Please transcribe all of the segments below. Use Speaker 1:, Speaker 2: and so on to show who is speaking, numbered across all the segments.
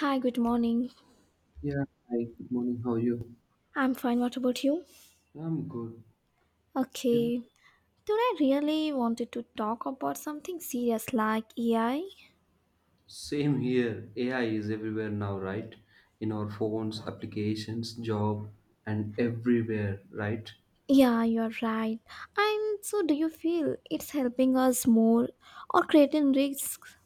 Speaker 1: Hi, good morning.
Speaker 2: Yeah, hi, good morning. How are you?
Speaker 1: I'm fine. What about you?
Speaker 2: I'm good. Yep.
Speaker 1: Okay. Today, I really wanted to talk about something serious like AI.
Speaker 2: Same here. AI is everywhere now, right? In our phones, applications, job, and everywhere, right?
Speaker 1: Yeah, you're right. And so, do you feel it's helping us more or creating risks?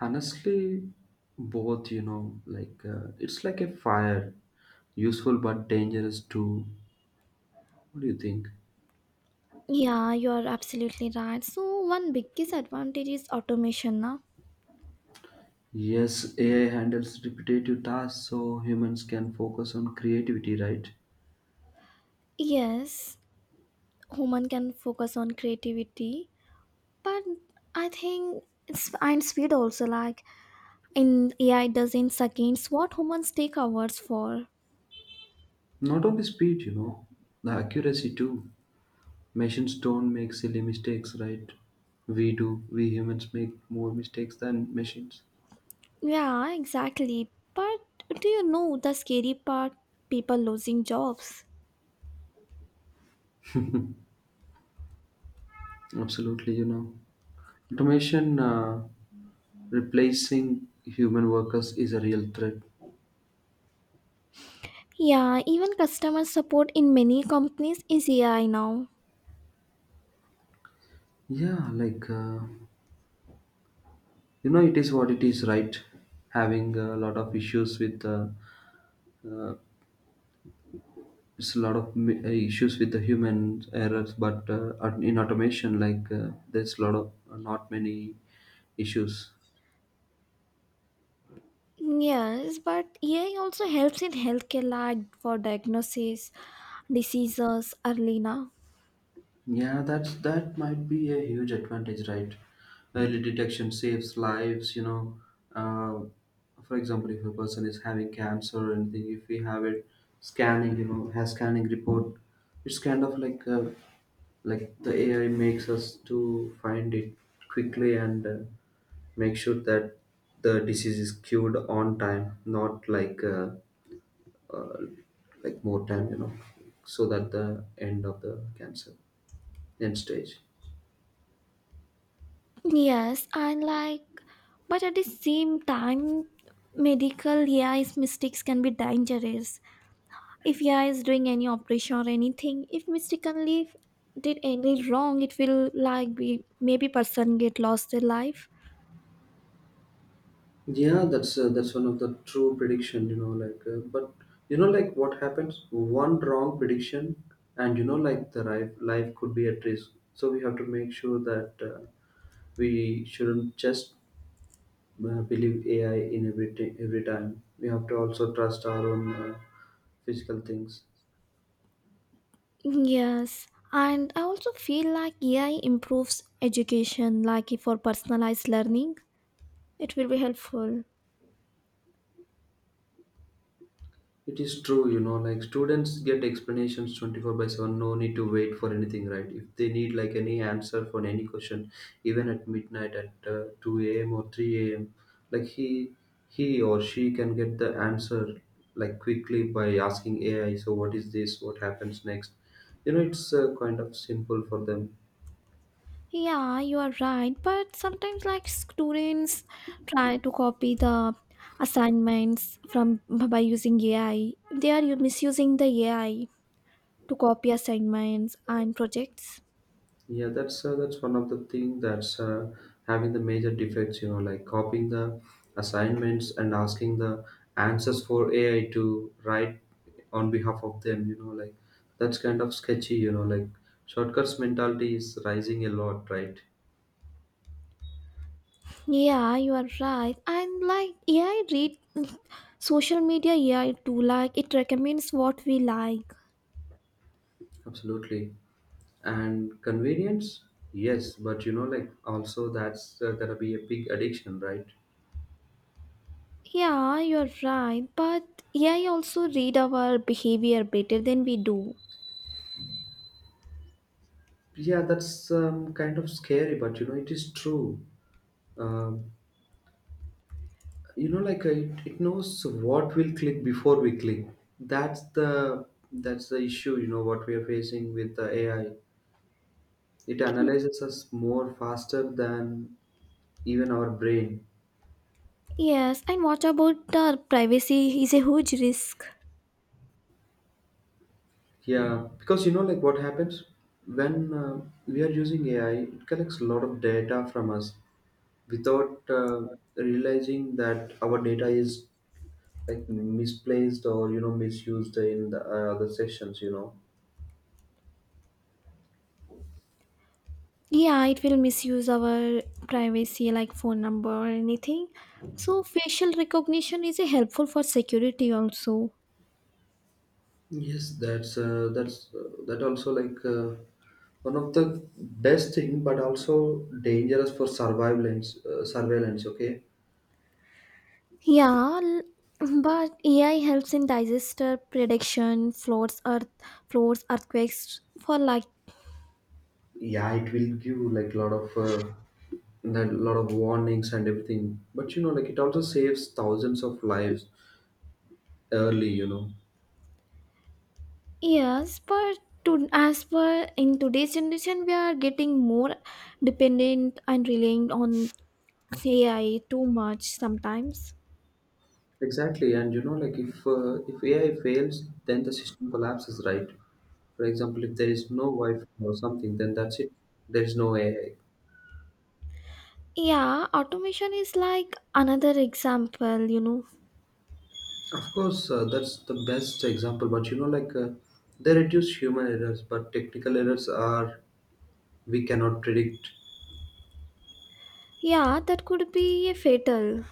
Speaker 2: Honestly, both, like it's like a fire, useful but dangerous too. What do you think?
Speaker 1: Yeah, you're absolutely right. So, one biggest advantage is automation now.
Speaker 2: Yes, AI handles repetitive tasks so humans can focus on creativity, right?
Speaker 1: Yes, human can focus on creativity, but I think it's and speed also like in AI does in seconds what humans take hours for.
Speaker 2: Not only speed, you know, the accuracy too. Machines don't make silly mistakes, right? We do. We humans make more mistakes than machines.
Speaker 1: Yeah, exactly. But do you know the scary part? People losing jobs.
Speaker 2: Absolutely, you know. Automation replacing human workers is a real threat.
Speaker 1: Yeah, even customer support in many companies is AI now.
Speaker 2: Yeah, it is what it is, right? Having a lot of issues with uh, it's a lot of issues with the human errors, but in automation, there's a lot of not many issues.
Speaker 1: Yes, but AI also helps in healthcare like for diagnosis, diseases early now.
Speaker 2: Yeah, that might be a huge advantage, right? Early detection saves lives, you know. Uh, for example, if a person is having cancer or anything, if we have it scanning, you know, has scanning report, it's kind of like the AI makes us to find it quickly and make sure that the disease is cured on time, not like like more time, you know, so that the end of the cancer end stage.
Speaker 1: Yes, and like, but at the same time, medical AI's mistakes can be dangerous. If AI is doing any operation or anything, if mistakenly did any wrong, it will like be maybe person get lost their life.
Speaker 2: That's one of the true prediction, you know, but you know like what happens one wrong prediction, and you know like the life could be at risk. So we have to make sure that we shouldn't just believe AI in every time. We have to also trust our own physical things.
Speaker 1: Yes, and I also feel like AI improves education, like if for personalized learning, it will be helpful.
Speaker 2: It is true, you know, like students get explanations 24 by 7, no need to wait for anything, right? If they need like any answer for any question, even at midnight at 2 a.m. or 3 a.m., like he or she can get the answer like quickly by asking AI, so what is this? What happens next? You know, it's kind of simple for them.
Speaker 1: Yeah, you are right, but sometimes like students try to copy the assignments from by using AI. They are misusing the AI to copy assignments and projects.
Speaker 2: That's one of the thing that's having the major defects. You know, like copying the assignments and asking the answers for AI to write on behalf of them. You know, like that's kind of sketchy. You know, like shortcuts mentality is rising a lot, right?
Speaker 1: Yeah, you are right. And like, yeah, I read social media. Yeah, it too. Like, it recommends what we like.
Speaker 2: Absolutely. And convenience, yes, but you know, like also that's gonna be a big addiction, right?
Speaker 1: Yeah, you are right. But yeah, I also read our behavior better than we do.
Speaker 2: Yeah, that's kind of scary, but you know, it is true. Um you know it knows what will click before we click. That's the issue you know, what we are facing with the AI. It analyzes us more faster than even our brain.
Speaker 1: Yes, and what about the privacy? Is a huge risk.
Speaker 2: Yeah, because you know like what happens when we are using AI, it collects a lot of data from us without realizing that our data is like misplaced, or you know, misused in the other sessions, you know.
Speaker 1: Yeah, it will misuse our privacy, like phone number or anything. So facial recognition is a helpful for security also.
Speaker 2: That also like one of the best thing, but also dangerous for surveillance. Surveillance, okay?
Speaker 1: Yeah, l- but AI helps in disaster prediction, floods, earth, floods, earthquakes for like
Speaker 2: Yeah, it will give like lot of a lot of warnings and everything, but you know, like it also saves thousands of lives early. You know,
Speaker 1: years. But to as per in today's generation, we are getting more dependent and relying on AI too much sometimes.
Speaker 2: exactly, and you know, like if AI fails, then the system collapses, right? For example, if there is no Wi-Fi or something, then that's it. There is no AI.
Speaker 1: Yeah, automation is like another example. You know,
Speaker 2: Of course, that's the best example. But you know, they reduce human errors, but technical errors are we cannot predict.
Speaker 1: yeah, that could be fatal.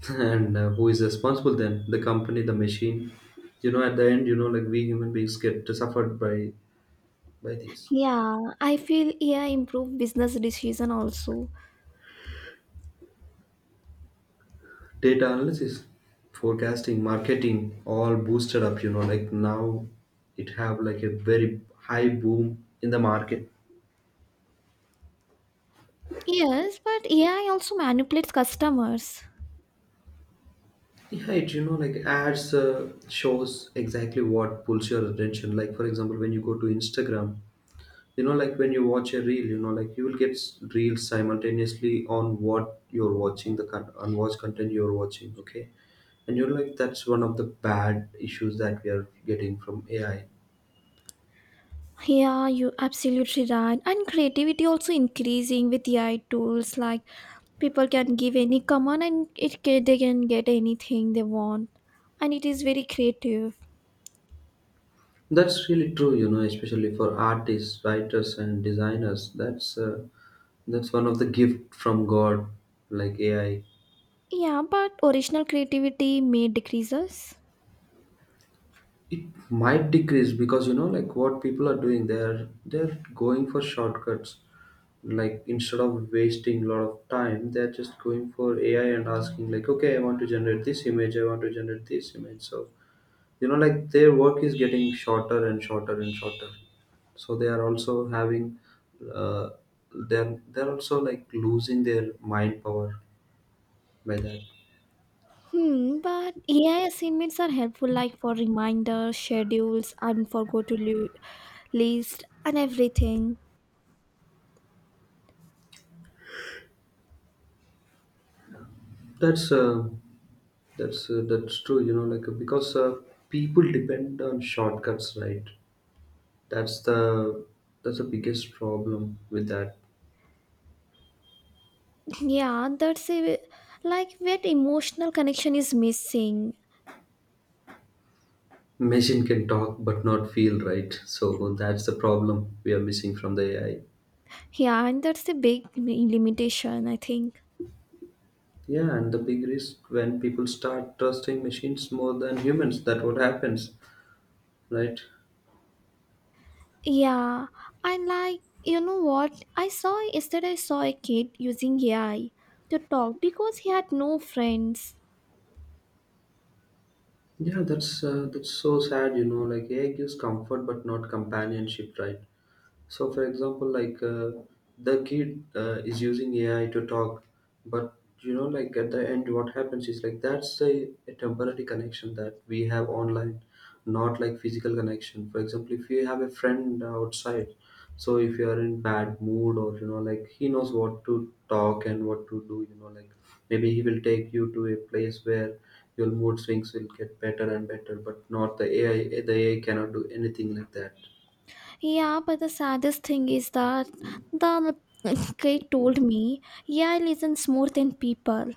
Speaker 2: And who is responsible then? The company, the machine. You know, at the end, you know, like we human beings get suffered by these.
Speaker 1: Yeah, I feel AI improve business decision also.
Speaker 2: Data analysis, forecasting, marketing, all boosted up. You know, like now it have like a very high boom in the market.
Speaker 1: Yes, but AI also manipulates customers.
Speaker 2: Yeah, it, you know, like ads shows exactly what pulls your attention. Like for example, when you go to Instagram, you know like when you watch a reel, you know like you will get reels simultaneously on what you're watching, the unwatched content you're watching. Okay, and you're like that's one of the bad issues that we are getting from AI.
Speaker 1: Yeah, you absolutely right. And creativity also increasing with AI tools. Like people can give any command and they can get anything they want, and it is very creative.
Speaker 2: That's really true, you know, especially for artists, writers, and designers. That's one of the gift from God, like AI.
Speaker 1: Yeah, but original creativity may decreases.
Speaker 2: It might decrease because you know like what people are doing, they're going for shortcuts, like instead of wasting a lot of time, they're just going for AI and asking like, okay, I want to generate this image, I want to generate this image. So you know like their work is getting shorter and shorter and shorter, so they are also having uh, they're also like losing their mind power by that.
Speaker 1: Hmm, but AI assignments are helpful, like for reminders, schedules, and for list and everything.
Speaker 2: that's uh, that's true. You know, because people depend on shortcuts, right? That's the biggest problem with that.
Speaker 1: Yeah, that's a like where emotional connection is missing.
Speaker 2: Machine can talk but not feel, right? So that's the problem we are missing from the AI.
Speaker 1: Yeah, and that's a big limitation, I think.
Speaker 2: Yeah, and the big risk when people start trusting machines more than humans. That what happens, right?
Speaker 1: Yeah, and like you know what I saw yesterday, I saw a kid using AI to talk because he had no friends.
Speaker 2: That's so sad. You know, like AI gives comfort but not companionship, right? So, for example, like the kid is using AI to talk, but you know, like at the end, what happens is like that's a temporary connection that we have online, not like physical connection. For example, if you have a friend outside, so if you are in bad mood, or you know, like he knows what to talk and what to do, you know, like maybe he will take you to a place where your mood swings will get better and better, but not the AI. The AI cannot do anything like that.
Speaker 1: Yeah, but the saddest thing is that the kid told me AI listens more than people.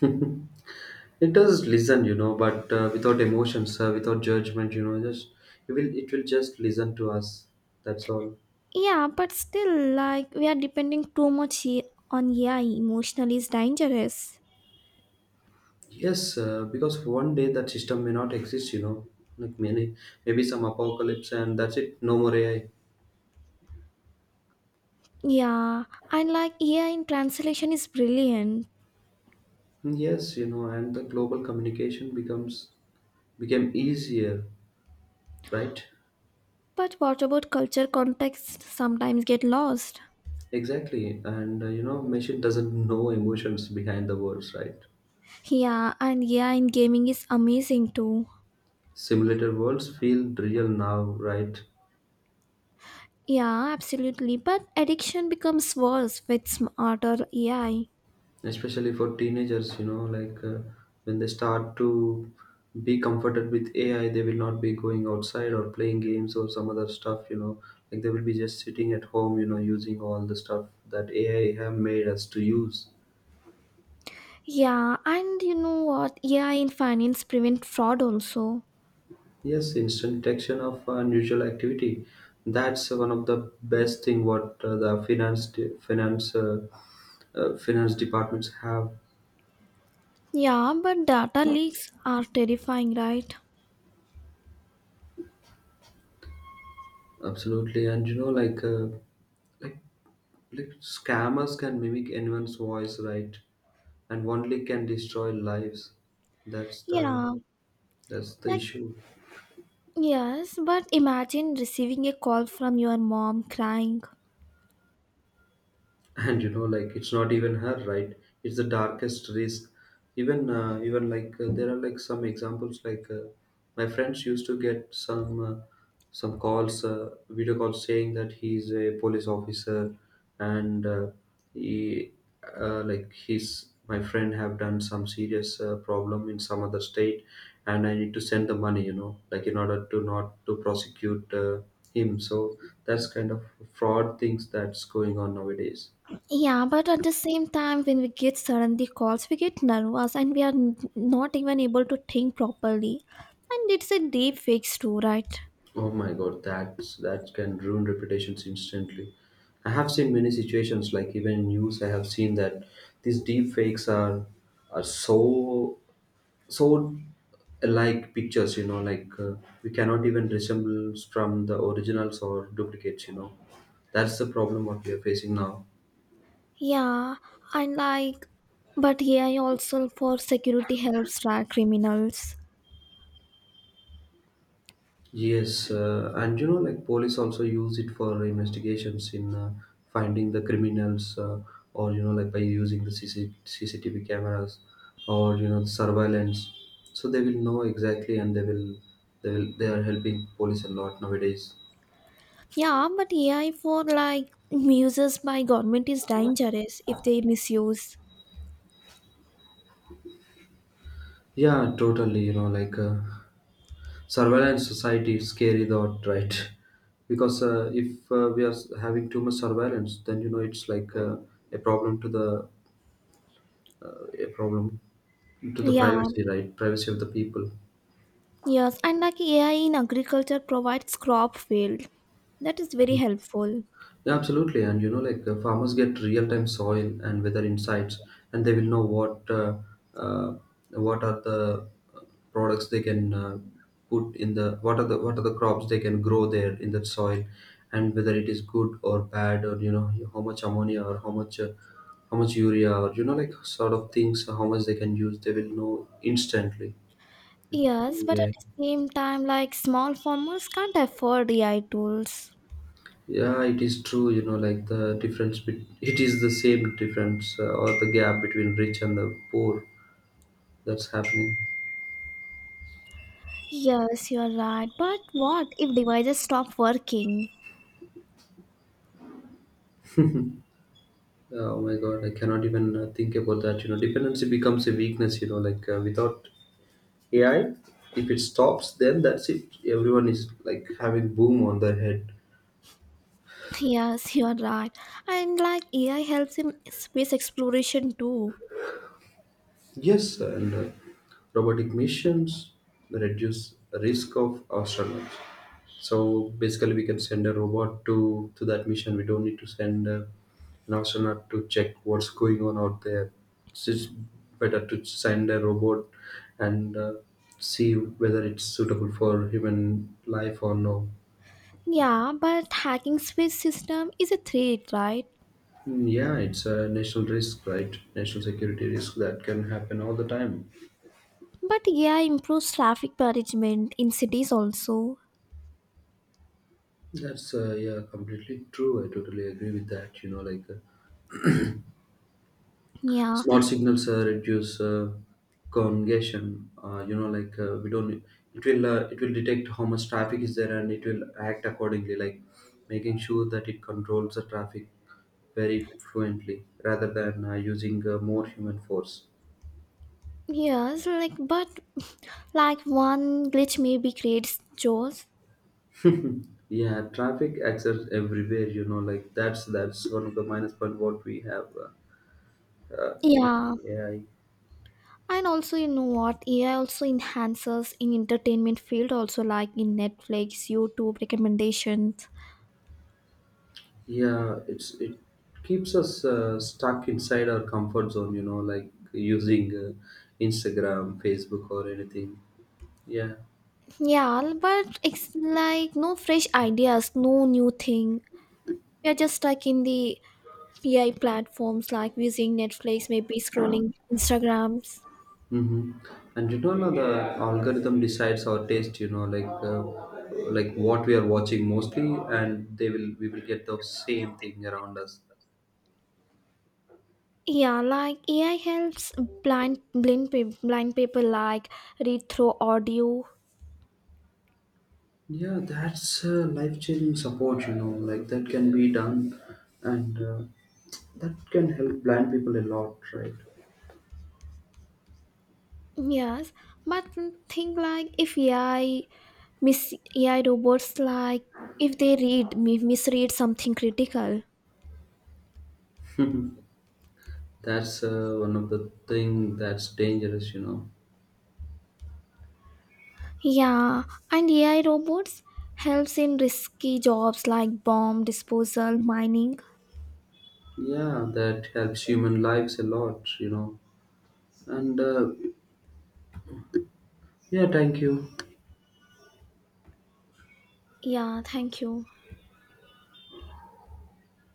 Speaker 2: It does listen, you know, but without emotions, without judgment, you know, just it will just listen to us. That's all.
Speaker 1: Yeah, but still, like we are depending too much on AI emotionally is dangerous.
Speaker 2: Yes, because one day that system may not exist, you know, like many maybe some apocalypse and that's it. No more AI.
Speaker 1: Yeah, and like AI in translation is brilliant.
Speaker 2: Yes, you know, and the global communication becomes became easier, right?
Speaker 1: But what about culture context sometimes get lost?
Speaker 2: Exactly, and you know, machine doesn't know emotions behind the words, right?
Speaker 1: Yeah, and AI in gaming is amazing too.
Speaker 2: Simulated worlds feel real now, right?
Speaker 1: Yeah, absolutely. But addiction becomes worse with smarter AI.
Speaker 2: Especially for teenagers, you know, when they start to be comforted with AI, they will not be going outside or playing games or some other stuff, you know, like they will be just sitting at home, you know, using all the stuff that AI have made us to use.
Speaker 1: Yeah, and you know what? AI in finance prevent fraud also.
Speaker 2: Yes, instant detection of unusual activity. That's one of the best thing what the finance finance departments have.
Speaker 1: Yeah, but data leaks are terrifying, right?
Speaker 2: Absolutely, and you know like Like scammers can mimic anyone's voice, right? And only can destroy lives. That's the
Speaker 1: Yeah, like
Speaker 2: issue.
Speaker 1: yes, but imagine receiving a call from your mom crying.
Speaker 2: And you know like it's not even her, right? It's the darkest risk. Even even like there are like some examples like my friends used to get some calls, video calls saying that he's a police officer, and he like his my friend have done some serious problem in some other state, and I need to send the money, you know, like in order to not to prosecute him. So that's kind of fraud things that's going on nowadays.
Speaker 1: Yeah, but at the same time, when we get suddenly calls, we get nervous and we are not even able to think properly. And it's a deep fix too, right?
Speaker 2: Oh my God, that can ruin reputations instantly. I have seen many situations, like even in news, I have seen that these deep fakes are so so alike pictures. You know, like we cannot even resemble from the originals or duplicates. You know, that's the problem what we are facing now.
Speaker 1: Yeah, and like, but AI also for security helps track criminals.
Speaker 2: Yes, and you know, like police also use it for investigations in finding the criminals, or you know, like by using the CCCCTV cameras, or you know, surveillance. So they will know exactly, and they are helping police a lot nowadays.
Speaker 1: Yeah, but AI for like uses by government is dangerous if they misuse.
Speaker 2: Yeah, totally. You know, like surveillance society is scary thought, right? Because if we are having too much surveillance, then you know it's like a problem to the a problem to the
Speaker 1: Yeah,
Speaker 2: privacy, right? Privacy of the people.
Speaker 1: yes, and like AI in agriculture provides crop field. That is very helpful.
Speaker 2: Yeah, absolutely, and you know farmers get real time soil and weather insights, and they will know uh, what are the products they can put in the what are the crops they can grow there in that soil, and whether it is good or bad, or you know, how much ammonia or how much urea, or you know like sort of things how much they can use, they will know instantly.
Speaker 1: Yes, but at
Speaker 2: Yeah.
Speaker 1: the same time, like small farmers can't afford AI tools.
Speaker 2: Yeah, it is true. You know, like the difference, it is the same difference or the gap between rich and the poor that's happening.
Speaker 1: Yes, you are right. But what if devices stop working?
Speaker 2: Oh my God, I cannot even think about that. You know, dependency becomes a weakness. You know, like without AI, if it stops, then that's it. Everyone is like having boom on their head.
Speaker 1: Yes, you are right. And like AI helps in space exploration too.
Speaker 2: Yes, and robotic missions reduce risk of astronauts. So basically, we can send a robot to that mission. We don't need to send an astronaut to check what's going on out there. So, it's just better to send a robot and see whether it's suitable for human life or no.
Speaker 1: Yeah, but hacking space system is a threat, right?
Speaker 2: Mm, yeah, it's a national risk, right? National security risk that can happen all the time.
Speaker 1: But AI improves traffic management in cities also.
Speaker 2: That's yeah, completely true. I totally agree with that. You know, like.
Speaker 1: Yeah.
Speaker 2: Smart signals reduce congestion. You know, like we don't. It will detect how much traffic is there, and it will act accordingly. Like making sure that it controls the traffic very fluently rather than using more human force.
Speaker 1: Yes, like but like one glitch maybe creates chaos.
Speaker 2: Yeah, traffic access everywhere. You know, like that's one of the minus point what we have using
Speaker 1: Yeah,
Speaker 2: AI.
Speaker 1: and also, you know what? AI also enhances in entertainment field, also like in Netflix, YouTube recommendations.
Speaker 2: Yeah, it keeps us stuck inside our comfort zone, you know, like using Instagram, Facebook, or anything. Yeah.
Speaker 1: Yeah, but it's like no fresh ideas, no new thing. We are just stuck in the AI platforms like using Netflix, maybe scrolling Instagrams.
Speaker 2: Mm-hmm. And you don't know the algorithm decides our taste, you know, like what we are watching mostly, and they will we will get the same thing around us.
Speaker 1: Yeah, like AI helps blind people like read through audio.
Speaker 2: Yeah, that's life changing support, you know, like that can be done, and that can help blind people a lot, right?
Speaker 1: Yes, but think like if AI, mis AI robots like if they read misread something critical.
Speaker 2: That's one of the thing that's dangerous, you know.
Speaker 1: Yeah, and AI robots helps in risky jobs like bomb disposal, mining.
Speaker 2: Yeah, that helps human lives a lot, you know. And yeah, thank you.
Speaker 1: Yeah, thank you.